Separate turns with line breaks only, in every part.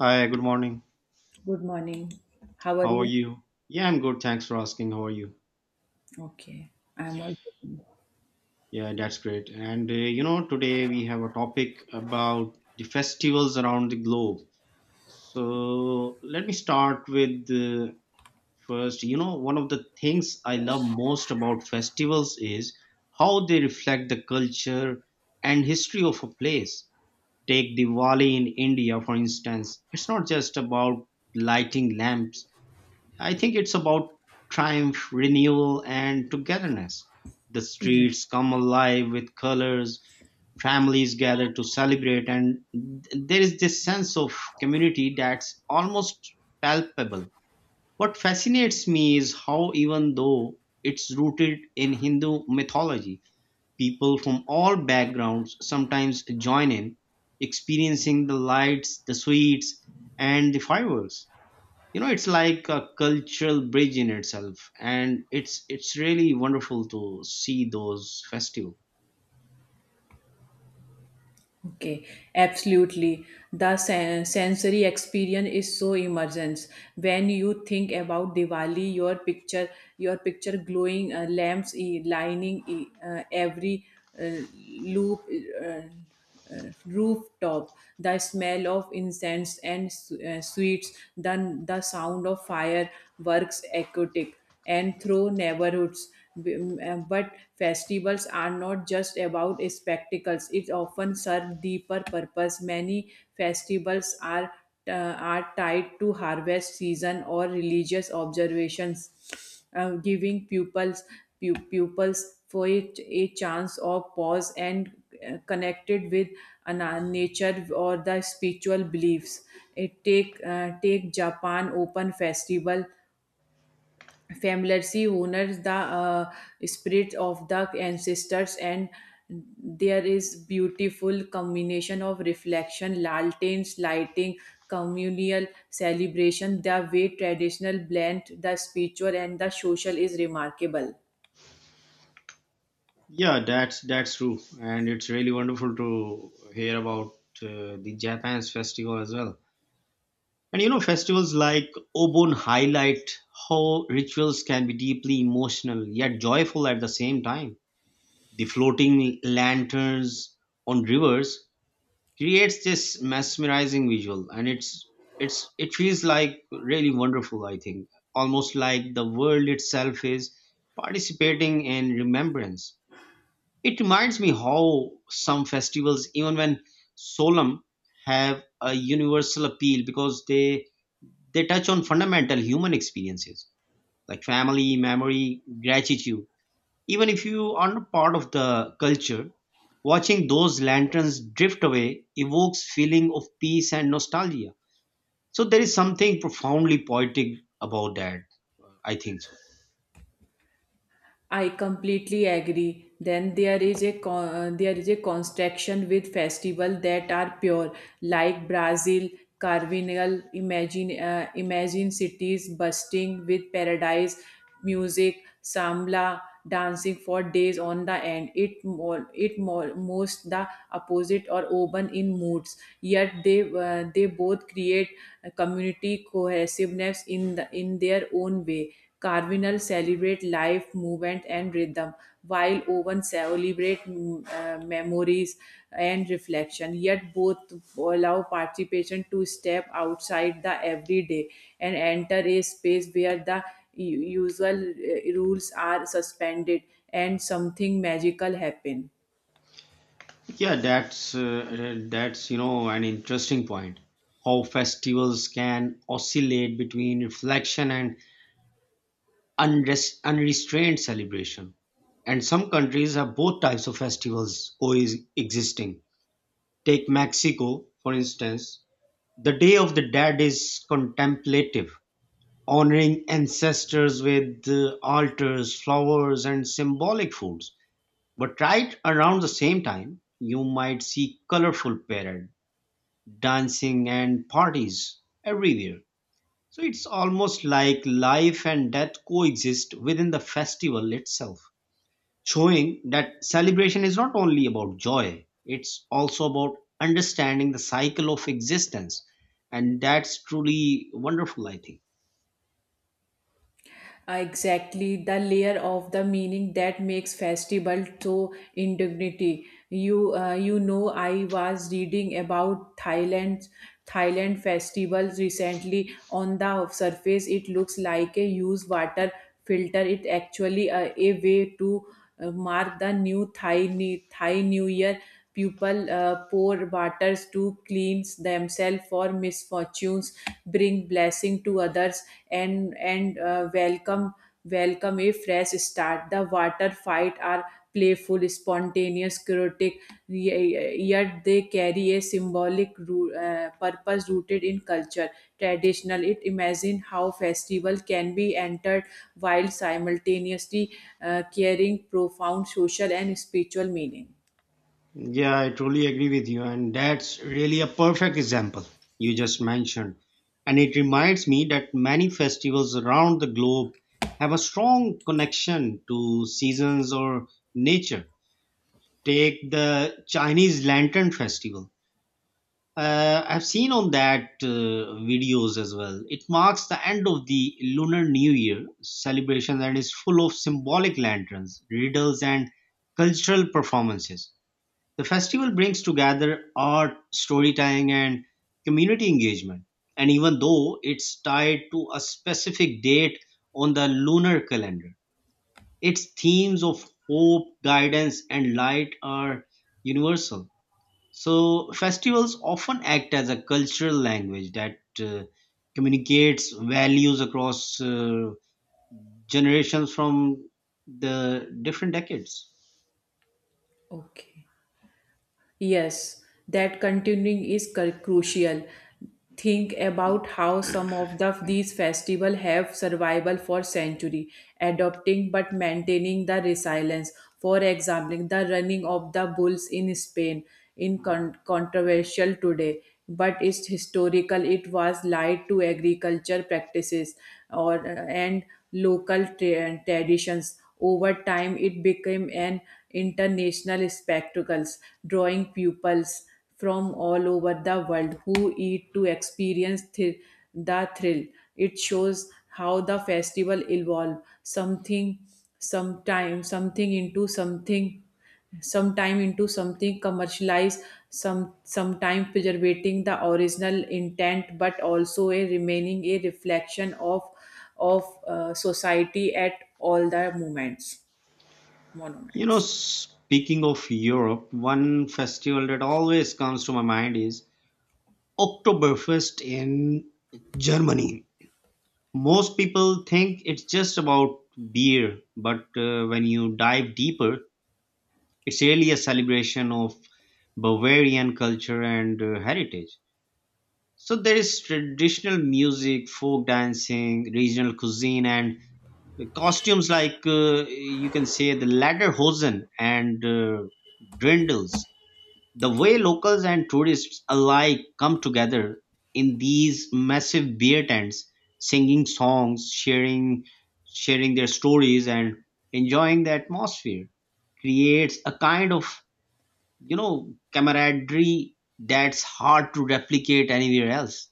Hi, good morning.
Good morning. How are
How are
you?
you? Yeah, I'm good. Thanks for asking. How are you?
Okay, I'm all good.
Yeah, that's great. And today we have a topic about the festivals around the globe. So let me start with the first. You know, one of the things I love most about festivals is how they reflect the culture and history of a place. Take Diwali in India, for instance. It's not just about lighting lamps. I think it's about triumph, renewal, and togetherness. The
Yes.
streets come alive with colors, families gather to celebrate, and there is this sense of community that's almost palpable. What fascinates me is how, even though it's rooted in Hindu mythology, people from all backgrounds sometimes join in, experiencing the lights, the sweets, and the fireworks. It's like a cultural bridge in itself, and it's really wonderful to see those festivals.
Okay, absolutely. The sensory experience is so immersive. When you think about Diwali, your picture glowing lamps lining every loop, rooftop, the smell of incense and sweets, then the sound of fireworks, echotic and through neighborhoods. But festivals are not just about spectacles, it often serve deeper purpose. Many festivals are tied to harvest season or religious observations, giving pupils pupils for it a chance of pause and connected with nature or the spiritual beliefs. It take Japan Open Festival Familiarity honors the spirit of the ancestors, and there is beautiful combination of reflection, lanterns, lighting, communal celebration. The way traditional blend the spiritual and the social is remarkable.
Yeah, that's true, and it's really wonderful to hear about the japan's festival as well. And you know, festivals like obon highlight how rituals can be deeply emotional yet joyful at the same time. The floating lanterns on rivers creates this mesmerizing visual, and it's it feels like really wonderful, I think, almost like the world itself is participating in remembrance. It reminds me how some festivals, even when solemn, have a universal appeal because they touch on fundamental human experiences like family, memory, gratitude. Even if you are not part of the culture, watching those lanterns drift away evokes feeling of peace and nostalgia. So there is something profoundly poetic about that. I think so.
I completely agree. Then there is a construction with festival that are pure, like Brazil Carnival. Imagine cities bursting with paradise music, sambla dancing for days on the end it more most the opposite or urban in moods yet they both create a community cohesiveness in their own way Carvinal celebrate life, movement, and rhythm, while Owen celebrate memories and reflection. Yet both allow participation to step outside the everyday and enter a space where the U- usual rules are suspended and something magical happen.
Yeah, that's an interesting point. How festivals can oscillate between reflection and unrestrained celebration. And some countries have both types of festivals coexisting. Take Mexico, for instance. The Day of the Dead is contemplative, honoring ancestors with altars, flowers, and symbolic foods. But right around the same time, you might see colorful parade, dancing, and parties everywhere. So it's almost like life and death coexist within the festival itself, showing that celebration is not only about joy, it's also about understanding the cycle of existence. And that's truly wonderful, I think.
Exactly the layer of the meaning that makes festival so indignity. You know I was reading about Thailand festivals recently. On the surface it looks like a used water filter, it actually a way to mark the new thai new year. People, poor waters to cleanse themselves for misfortunes, bring blessing to others, and welcome a fresh start. The water fight are playful, spontaneous, chaotic, yet they carry a symbolic purpose rooted in culture. Traditional, it imagine how festival can be entered while simultaneously carrying profound social and spiritual meaning.
Yeah, I truly agree with you. And that's really a perfect example you just mentioned. And it reminds me that many festivals around the globe have a strong connection to seasons or nature. Take the Chinese Lantern Festival. I've seen on that videos as well. It marks the end of the Lunar New Year celebration and is full of symbolic lanterns, riddles, and cultural performances. The festival brings together art, storytelling, and community engagement. And even though it's tied to a specific date on the lunar calendar, its themes of hope, guidance, and light are universal. So festivals often act as a cultural language that communicates values across generations from the different decades.
Okay. Yes, that continuing is crucial. Think about how some of these festivals have survival for century, adopting but maintaining the resilience. For example, the running of the bulls in Spain in controversial today, but it's historical. It was lied to agriculture practices or and local traditions. Over time, it became an international spectacle, drawing pupils from all over the world who eat to experience the thrill. It shows how the festival evolved something, sometime, something into something sometime into something commercialized some sometime preserving the original intent but also a remaining a reflection of society at all the moments
You know,
monuments.
speaking of Europe, one festival that always comes to my mind is Oktoberfest in Germany. Most people think it's just about beer, but when you dive deeper, it's really a celebration of Bavarian culture and heritage. So there is traditional music, folk dancing, regional cuisine, and the costumes like you can say the lederhosen and drindles. The way locals and tourists alike come together in these massive beer tents, singing songs, sharing their stories, and enjoying the atmosphere creates a kind of, you know, camaraderie that's hard to replicate anywhere else.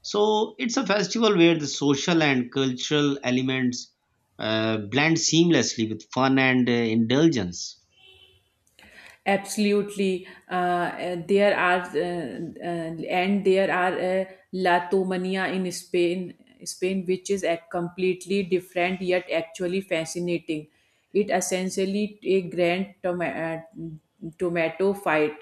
So it's a festival where the social and cultural elements blend seamlessly with fun and indulgence.
Absolutely. There are and there are uh, La Tomania in Spain, which is a completely different yet actually fascinating. It essentially a grand tomato fight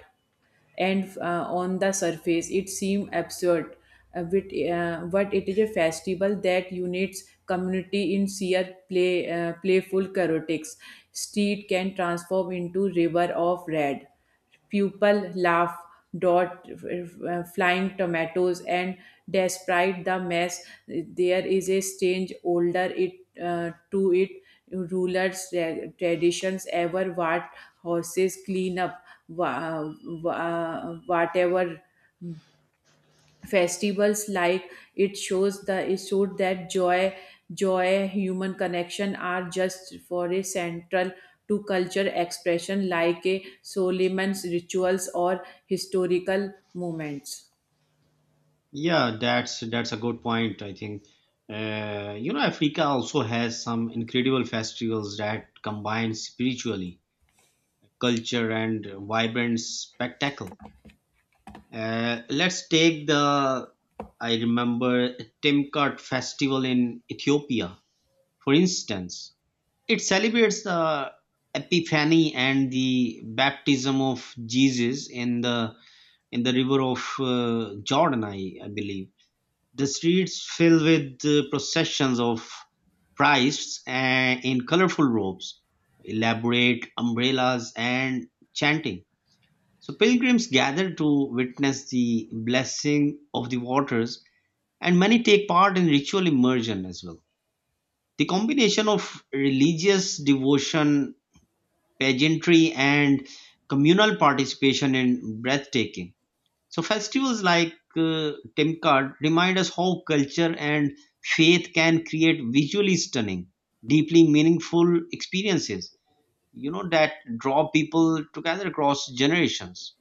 and on the surface it seems absurd, but it is a festival that unites community in sheer play, playful chaotics. Street can transform into river of red, people laugh dot flying tomatoes and despite the mess there is a strange older it to it, rulers traditions ever what horses clean up whatever. Festivals like it shows the it showed that joy human connection are just for a central to culture expression like a solomon's rituals or historical moments.
Yeah, that's a good point, I think. You know, africa also has some incredible festivals that combine spiritually, culture, and vibrant spectacle. Let's take I remember, Timkat festival in Ethiopia, for instance. It celebrates the Epiphany and the baptism of Jesus in the river of Jordan, I believe. The streets fill with processions of priests, in colorful robes, elaborate umbrellas, and chanting. So pilgrims gather to witness the blessing of the waters, and many take part in ritual immersion as well. The combination of religious devotion, pageantry, and communal participation is breathtaking. So festivals like Timkat remind us how culture and faith can create visually stunning, deeply meaningful experiences, you know, that draw people together across generations.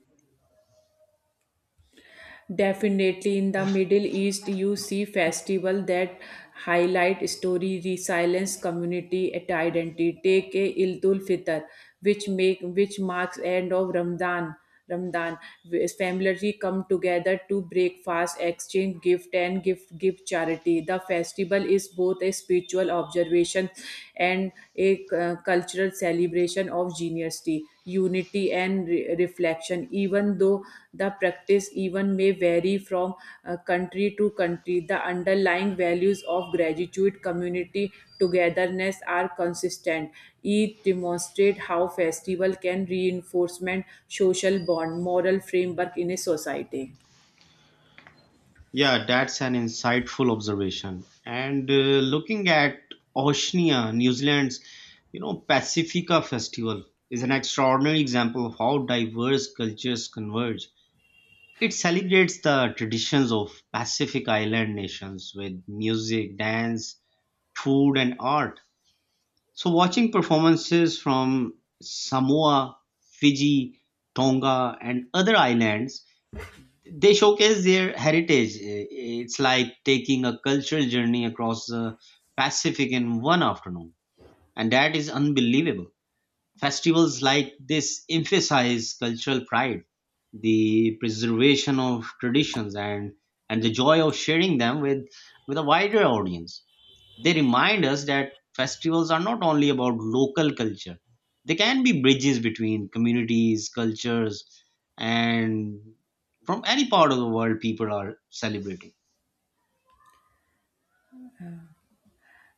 Definitely in the Middle East, you see festival that highlight story, resilience, community identity. Take a Ildul Fitr, which make which marks end of Ramadan, where family come together to breakfast, exchange gift, and gift give charity. The festival is both a spiritual observation and a cultural celebration of generosity unity and reflection. Even though the practice even may vary from country to country, the underlying values of gratitude community togetherness are consistent. Each demonstrate how festival can reinforcement social bond moral framework in a society.
Yeah, that's an insightful observation. And looking at Oceania, New Zealand's, you know, Pacifica Festival is an extraordinary example of how diverse cultures converge. It celebrates the traditions of Pacific Island nations with music, dance, food, and art. So, watching performances from Samoa, Fiji, Tonga, and other islands, they showcase their heritage. It's like taking a cultural journey across the Pacific in one afternoon, and that is unbelievable. Festivals like this emphasize cultural pride, the preservation of traditions, and the joy of sharing them with a wider audience. They remind us that festivals are not only about local culture, they can be bridges between communities, cultures, and from any part of the world people are celebrating.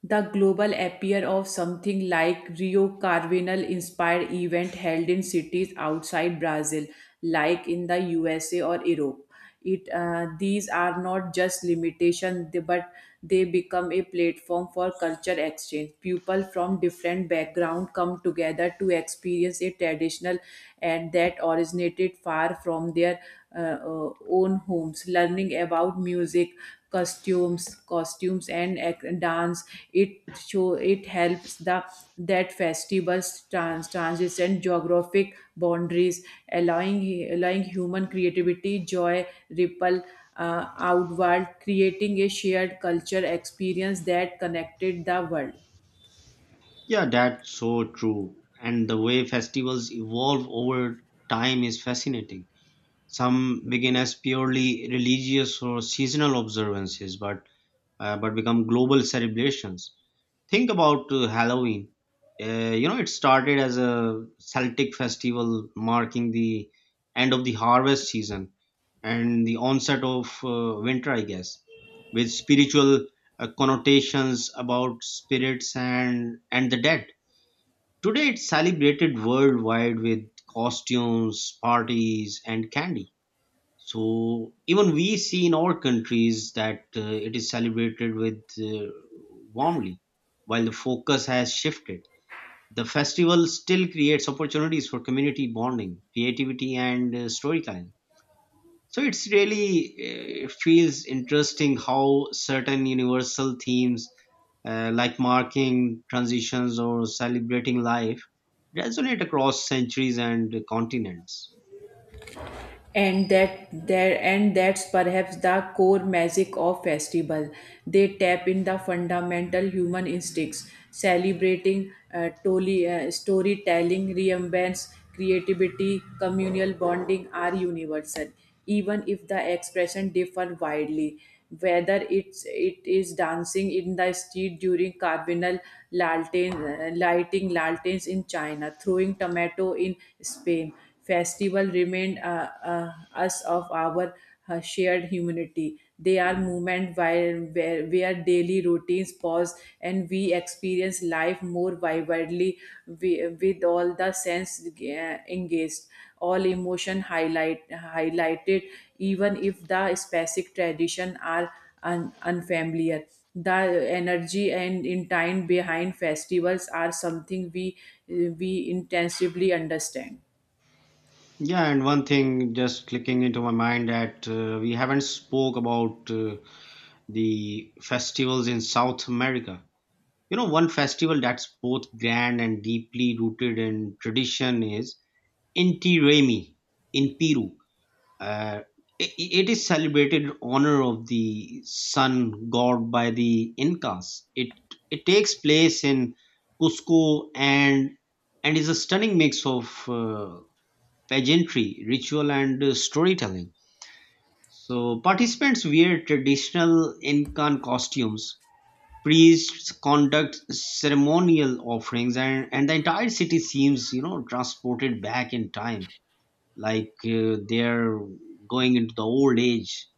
The global appear of something like Rio Carnival inspired event held in cities outside Brazil, like in the USA or Europe. It These are not just limitation, but they become a platform for culture exchange. People from different background come together to experience a traditional and that originated far from their uh, uh, own homes, learning about music costumes costumes and dance. It show, it helps the that festivals transcend geographic boundaries, allowing allowing human creativity joy ripple outward, creating a shared culture experience that connected the world.
Yeah, that's so true. And the way festivals evolve over time is fascinating. Some begin as purely religious or seasonal observances, but become global celebrations. Think about Halloween. You know, it started as a Celtic festival marking the end of the harvest season and the onset of winter, I guess, with spiritual connotations about spirits and the dead. Today, it's celebrated worldwide with costumes, parties, and candy. So even we see in our countries that it is celebrated with warmly. While the focus has shifted, the festival still creates opportunities for community bonding, creativity, and storytelling. So it's really it feels interesting how certain universal themes, like marking transitions or celebrating life, resonate across centuries and continents.
And that's perhaps the core magic of festival. They tap in the fundamental human instincts celebrating storytelling remembrance creativity communal bonding are universal even if the expression differ widely, whether it is dancing in the street during carnival, lighting lanterns in china, throwing tomato in spain. Festival remind us of our shared humanity. They are movement where daily routines pause and we experience life more vividly with all the sense engaged, all emotion highlighted, even if the specific tradition are unfamiliar. The energy and intent behind festivals are something we intensively understand.
Yeah, and one thing just clicking into my mind that we haven't spoke about the festivals in South America. You know, one festival that's both grand and deeply rooted in tradition is Inti Raymi in Peru. Uh, it is celebrated in honor of the sun god by the Incas. It takes place in Cusco, and is a stunning mix of pageantry, ritual, and storytelling. So, participants wear traditional Incan costumes, priests conduct ceremonial offerings, and the entire city seems, you know, transported back in time, like they're going into the old age.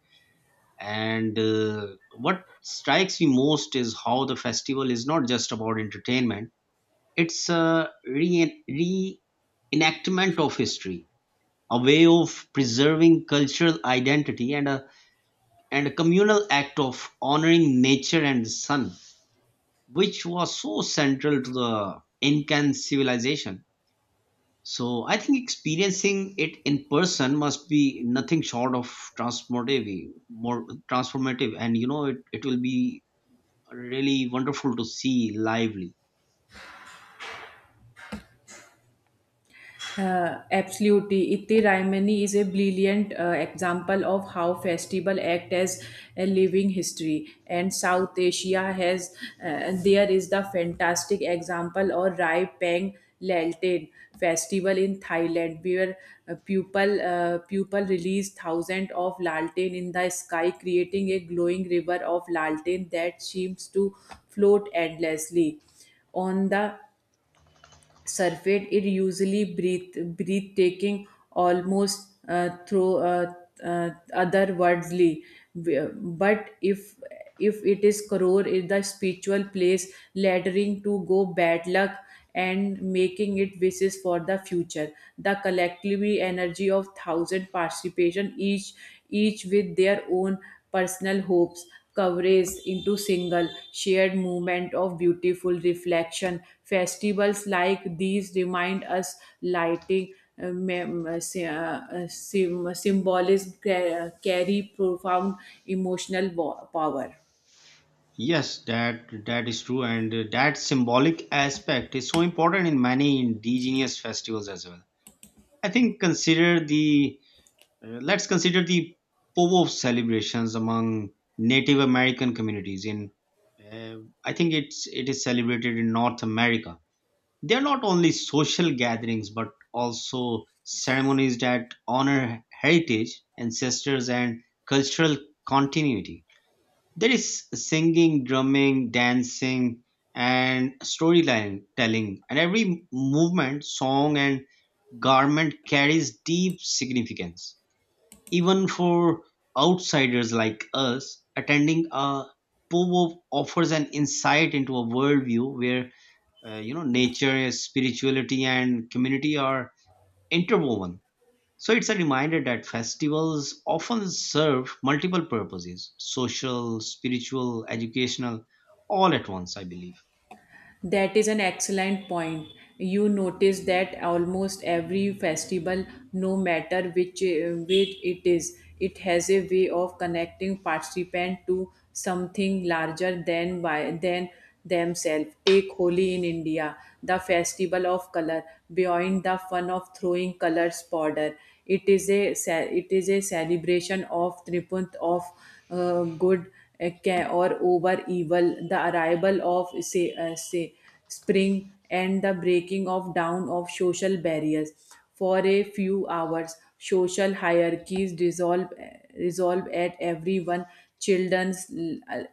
And what strikes me most is how the festival is not just about entertainment, it's a reenactment of history, a way of preserving cultural identity, and a communal act of honoring nature and the sun, which was so central to the Incan civilization. So I think experiencing it in person must be nothing short of more transformative, and you know it, it will be really wonderful to see lively.
Absolutely. Itti Raimani is a brilliant example of how festival act as a living history. And South Asia has, there is the fantastic example of Rai Pang Lalten festival in Thailand where people release thousands of lalten in the sky, creating a glowing river of lalten that seems to float endlessly on the surveyed. It usually breathtaking, almost through otherworldly. But if it is crore in the spiritual place laddering to go bad luck and making it wishes for the future, the collectively energy of thousand participation, each with their own personal hopes coverage into single shared moment of beautiful reflection. Festivals like these remind us lighting symbolism carry profound emotional power.
Yes, that is true, and that symbolic aspect is so important in many indigenous festivals as well. I think consider the uh, let's consider the Povo celebrations among Native American communities. In uh, I think it is celebrated in North America. They are not only social gatherings but also ceremonies that honor heritage, ancestors, and cultural continuity. There is singing, drumming, dancing, and and every movement, song, and garment carries deep significance, even for outsiders like us. Attending a povo offers an insight into a worldview where, you know, nature, spirituality, and community are interwoven. So it's a reminder that festivals often serve multiple purposes: social, spiritual, educational, all at once, I believe.
That is an excellent point. You notice that almost every festival, no matter which it is, it has a way of connecting participant to something larger than themselves. Take Holi in India, the festival of color. Beyond the fun of throwing colors powder, it is it is a celebration of triumph of good or over evil, the arrival of say spring and the breaking of down of social barriers. For a few hours, social hierarchies dissolve resolve at everyone, children's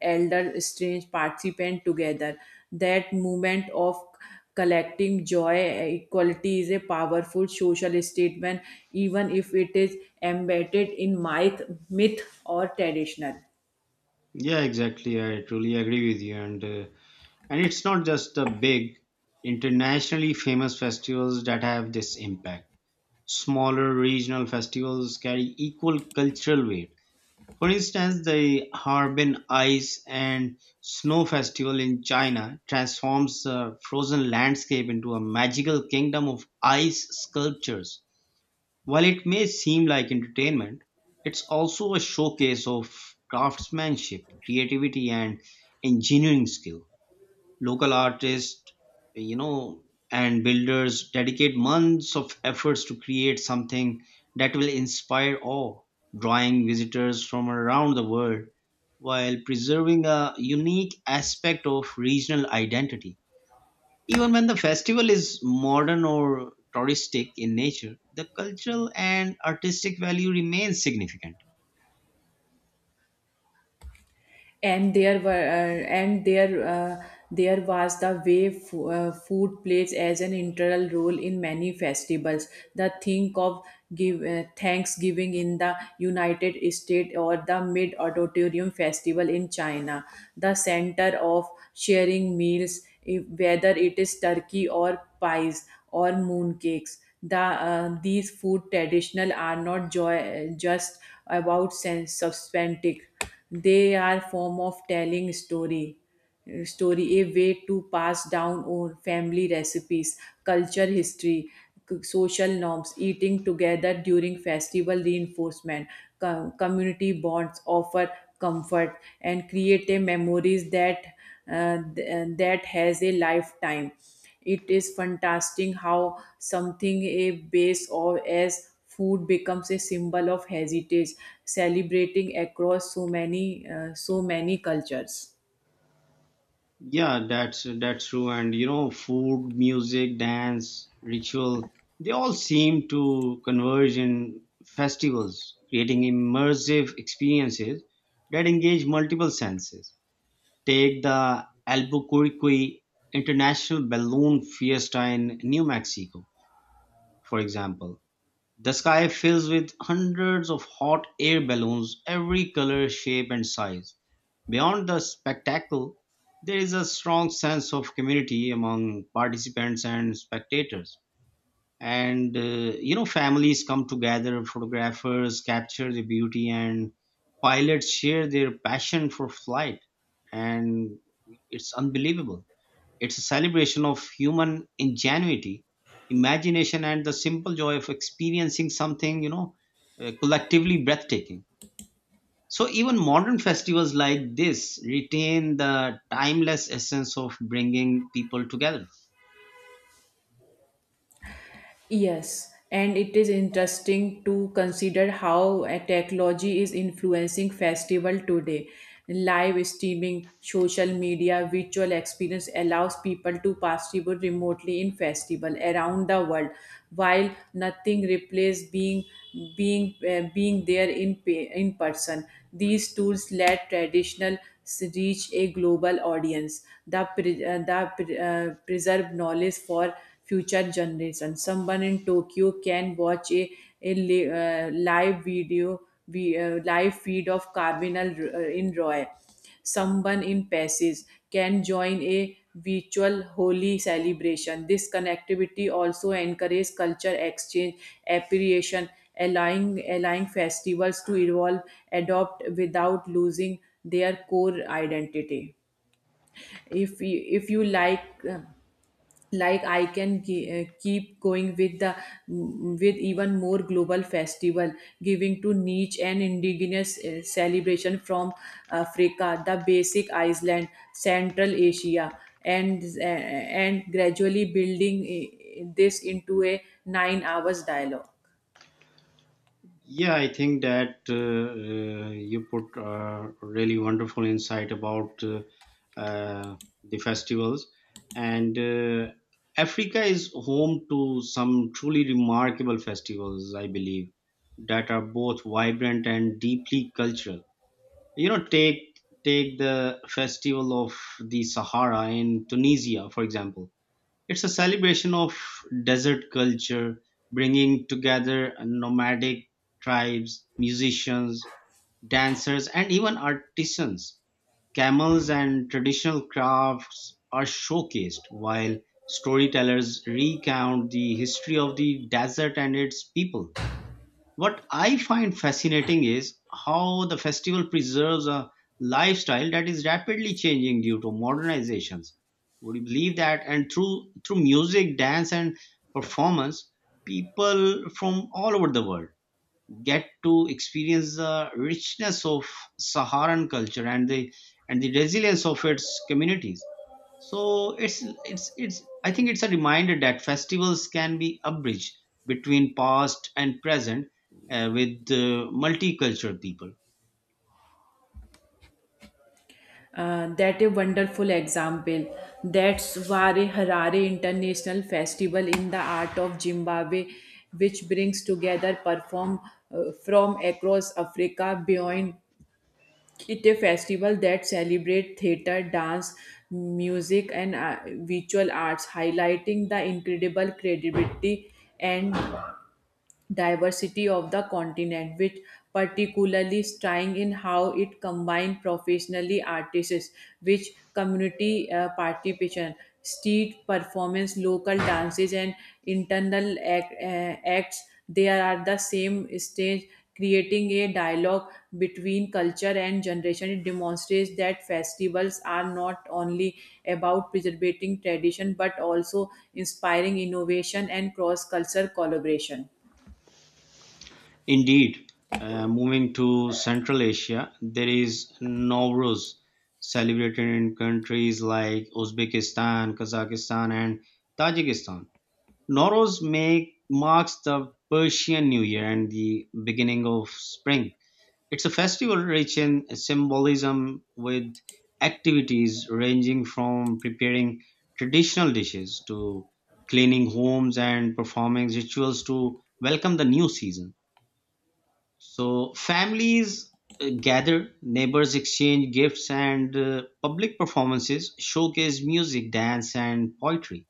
elder strange participant together, that movement of collecting joy equality is a powerful social statement even if it is embedded in myth or traditional.
Yeah, exactly. I truly agree with you. And and it's not just the big, internationally famous festivals that have this impact. Smaller regional festivals carry equal cultural weight. For instance, the Harbin Ice and Snow Festival in China transforms the frozen landscape into a magical kingdom of ice sculptures. While it may seem like entertainment, it's also a showcase of craftsmanship, creativity, and engineering skill. Local artists, you know, and builders dedicate months of efforts to create something that will inspire awe, drawing visitors from around the world while preserving a unique aspect of regional identity. Even when the festival is modern or touristic in nature, the cultural and artistic value remains significant.
And there was the way food plays as an integral role in many festivals. The think of give thanksgiving in the united states or the mid auditorium festival in china, the center of sharing meals if, whether it is turkey or pies or mooncakes, the these food traditional are not joy, just about sense substantic. They are form of telling story a way to pass down our family recipes culture history, social norms. Eating together during festival reinforcement community bonds offer comfort and create a memories that that has a lifetime. It is fantastic how something a base or as food becomes a symbol of heritage, celebrating across so many so many cultures.
Yeah, that's true. And you know, food, music, dance, ritual, they all seem to converge in festivals, creating immersive experiences that engage multiple senses. Take the Albuquerque International Balloon Fiesta in New Mexico, for example. The sky fills with hundreds of hot air balloons, every color, shape, and size. Beyond the spectacle, there is a strong sense of community among participants and spectators. And you know, families come together, photographers capture the beauty, and pilots share their passion for flight. And it's unbelievable. It's a celebration of human ingenuity, imagination, and the simple joy of experiencing something, you know, collectively breathtaking. So even modern festivals like this retain the timeless essence of bringing people together.
Yes, and it is interesting to consider how technology is influencing festival today. Live streaming, social media, virtual experience allows people to participate remotely in festival around the world, while nothing replaces being there in in person. These tools let traditional reach a global audience that, preserve knowledge for future generations. Someone in Tokyo can watch a, a live video, we, live feed of Cardinal in Roy. Someone in Passes can join a virtual holy celebration. This connectivity also encourages culture exchange, appreciation, allowing festivals to evolve, adopt without losing their core identity. If you like. uh, like I can keep going with the with even more global festival, giving to niche and indigenous celebration from africa the basic iceland central asia and uh, and gradually building this into a 9 hours dialogue.
Yeah, I think that you put really wonderful insight about uh, the festivals. And Africa is home to some truly remarkable festivals, I believe, that are both vibrant and deeply cultural. You know, take the festival of the Sahara in Tunisia, for example. It's a celebration of desert culture, bringing together nomadic tribes, musicians, dancers, and even artisans. Camels and traditional crafts are showcased while storytellers recount the history of the desert and its people. What I find fascinating is how the festival preserves a lifestyle that is rapidly changing due to modernizations. Would you believe that? And through music, dance, and performance, people from all over the world get to experience the richness of Saharan culture and the resilience of its communities. So it's I think it's a reminder that festivals can be a bridge between past and present, with multicultural people.
That a wonderful example. That's Ware Harare International Festival in the Art of Zimbabwe, which brings together perform from across Africa beyond. It a festival that celebrates theater, dance, music, and visual arts, highlighting the incredible creativity and diversity of the continent, which particularly striking in how it combined professionally artists with community participation, street performance, local dances, and internal acts. They are at the same stage, creating a dialogue between culture and generation. It demonstrates that festivals are not only about preserving tradition but also inspiring innovation and cross-cultural collaboration.
Indeed, moving to Central Asia, there is Nowruz, celebrated in countries like Uzbekistan, Kazakhstan, and Tajikistan. Marks the Persian New Year and the beginning of spring. It's a festival rich in symbolism with activities ranging from preparing traditional dishes to cleaning homes and performing rituals to welcome the new season. So, families gather, neighbors exchange gifts, and public performances showcase music, dance, and poetry.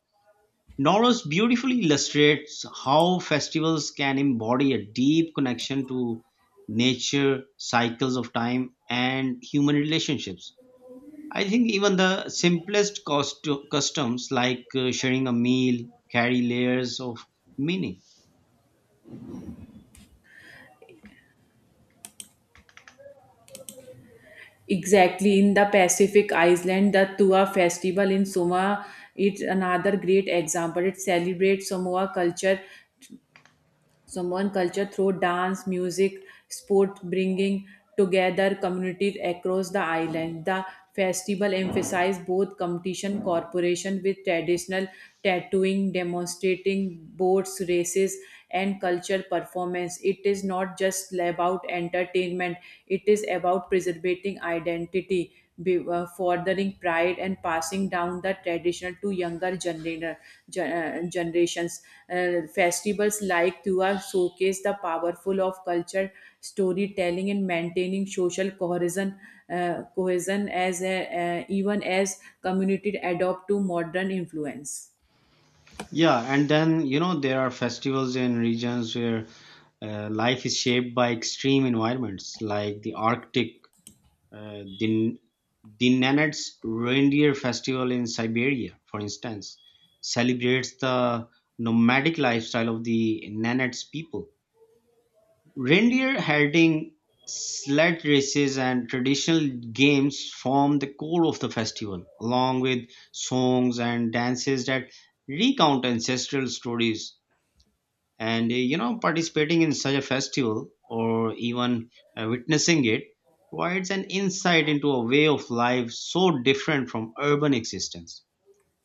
Norris beautifully illustrates how festivals can embody a deep connection to nature, cycles of time, and human relationships. I think even the simplest customs, like sharing a meal, carry layers of meaning.
Exactly, in the Pacific Island, the Tua festival in Samoa is another great example. It celebrates Samoa culture someone culture through dance music sport, bringing together communities across the island. The festival emphasizes both competition cooperation with traditional tattooing demonstrating boats races and culture performance. It is not just about entertainment, it is about preserving identity, furthering pride and passing down the traditional to younger generations. Festivals like Tua showcase the powerful of culture storytelling and maintaining social cohesion, even as community adopt to modern influence.
Yeah, and then you know, there are festivals in regions where life is shaped by extreme environments like the Arctic. uh, the, the Nenets Reindeer Festival in Siberia, for instance, celebrates the nomadic lifestyle of the Nenets people. Reindeer herding, sled races, and traditional games form the core of the festival, along with songs and dances that recount ancestral stories. And you know, participating in such a festival, or even witnessing it, provides an insight into a way of life so different from urban existence.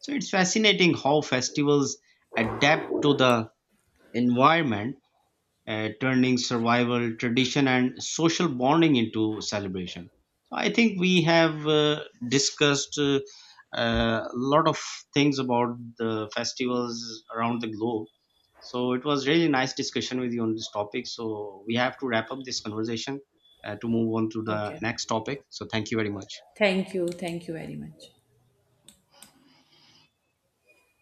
So it's fascinating how festivals adapt to the environment, turning survival, tradition, and social bonding into celebration. So I think we have discussed a lot of things about the festivals around the globe. So it was really nice discussion with you on this topic. So we have to wrap up this conversation to move on to the
Okay.
next topic. So thank you very much.
Thank you. Thank you very much.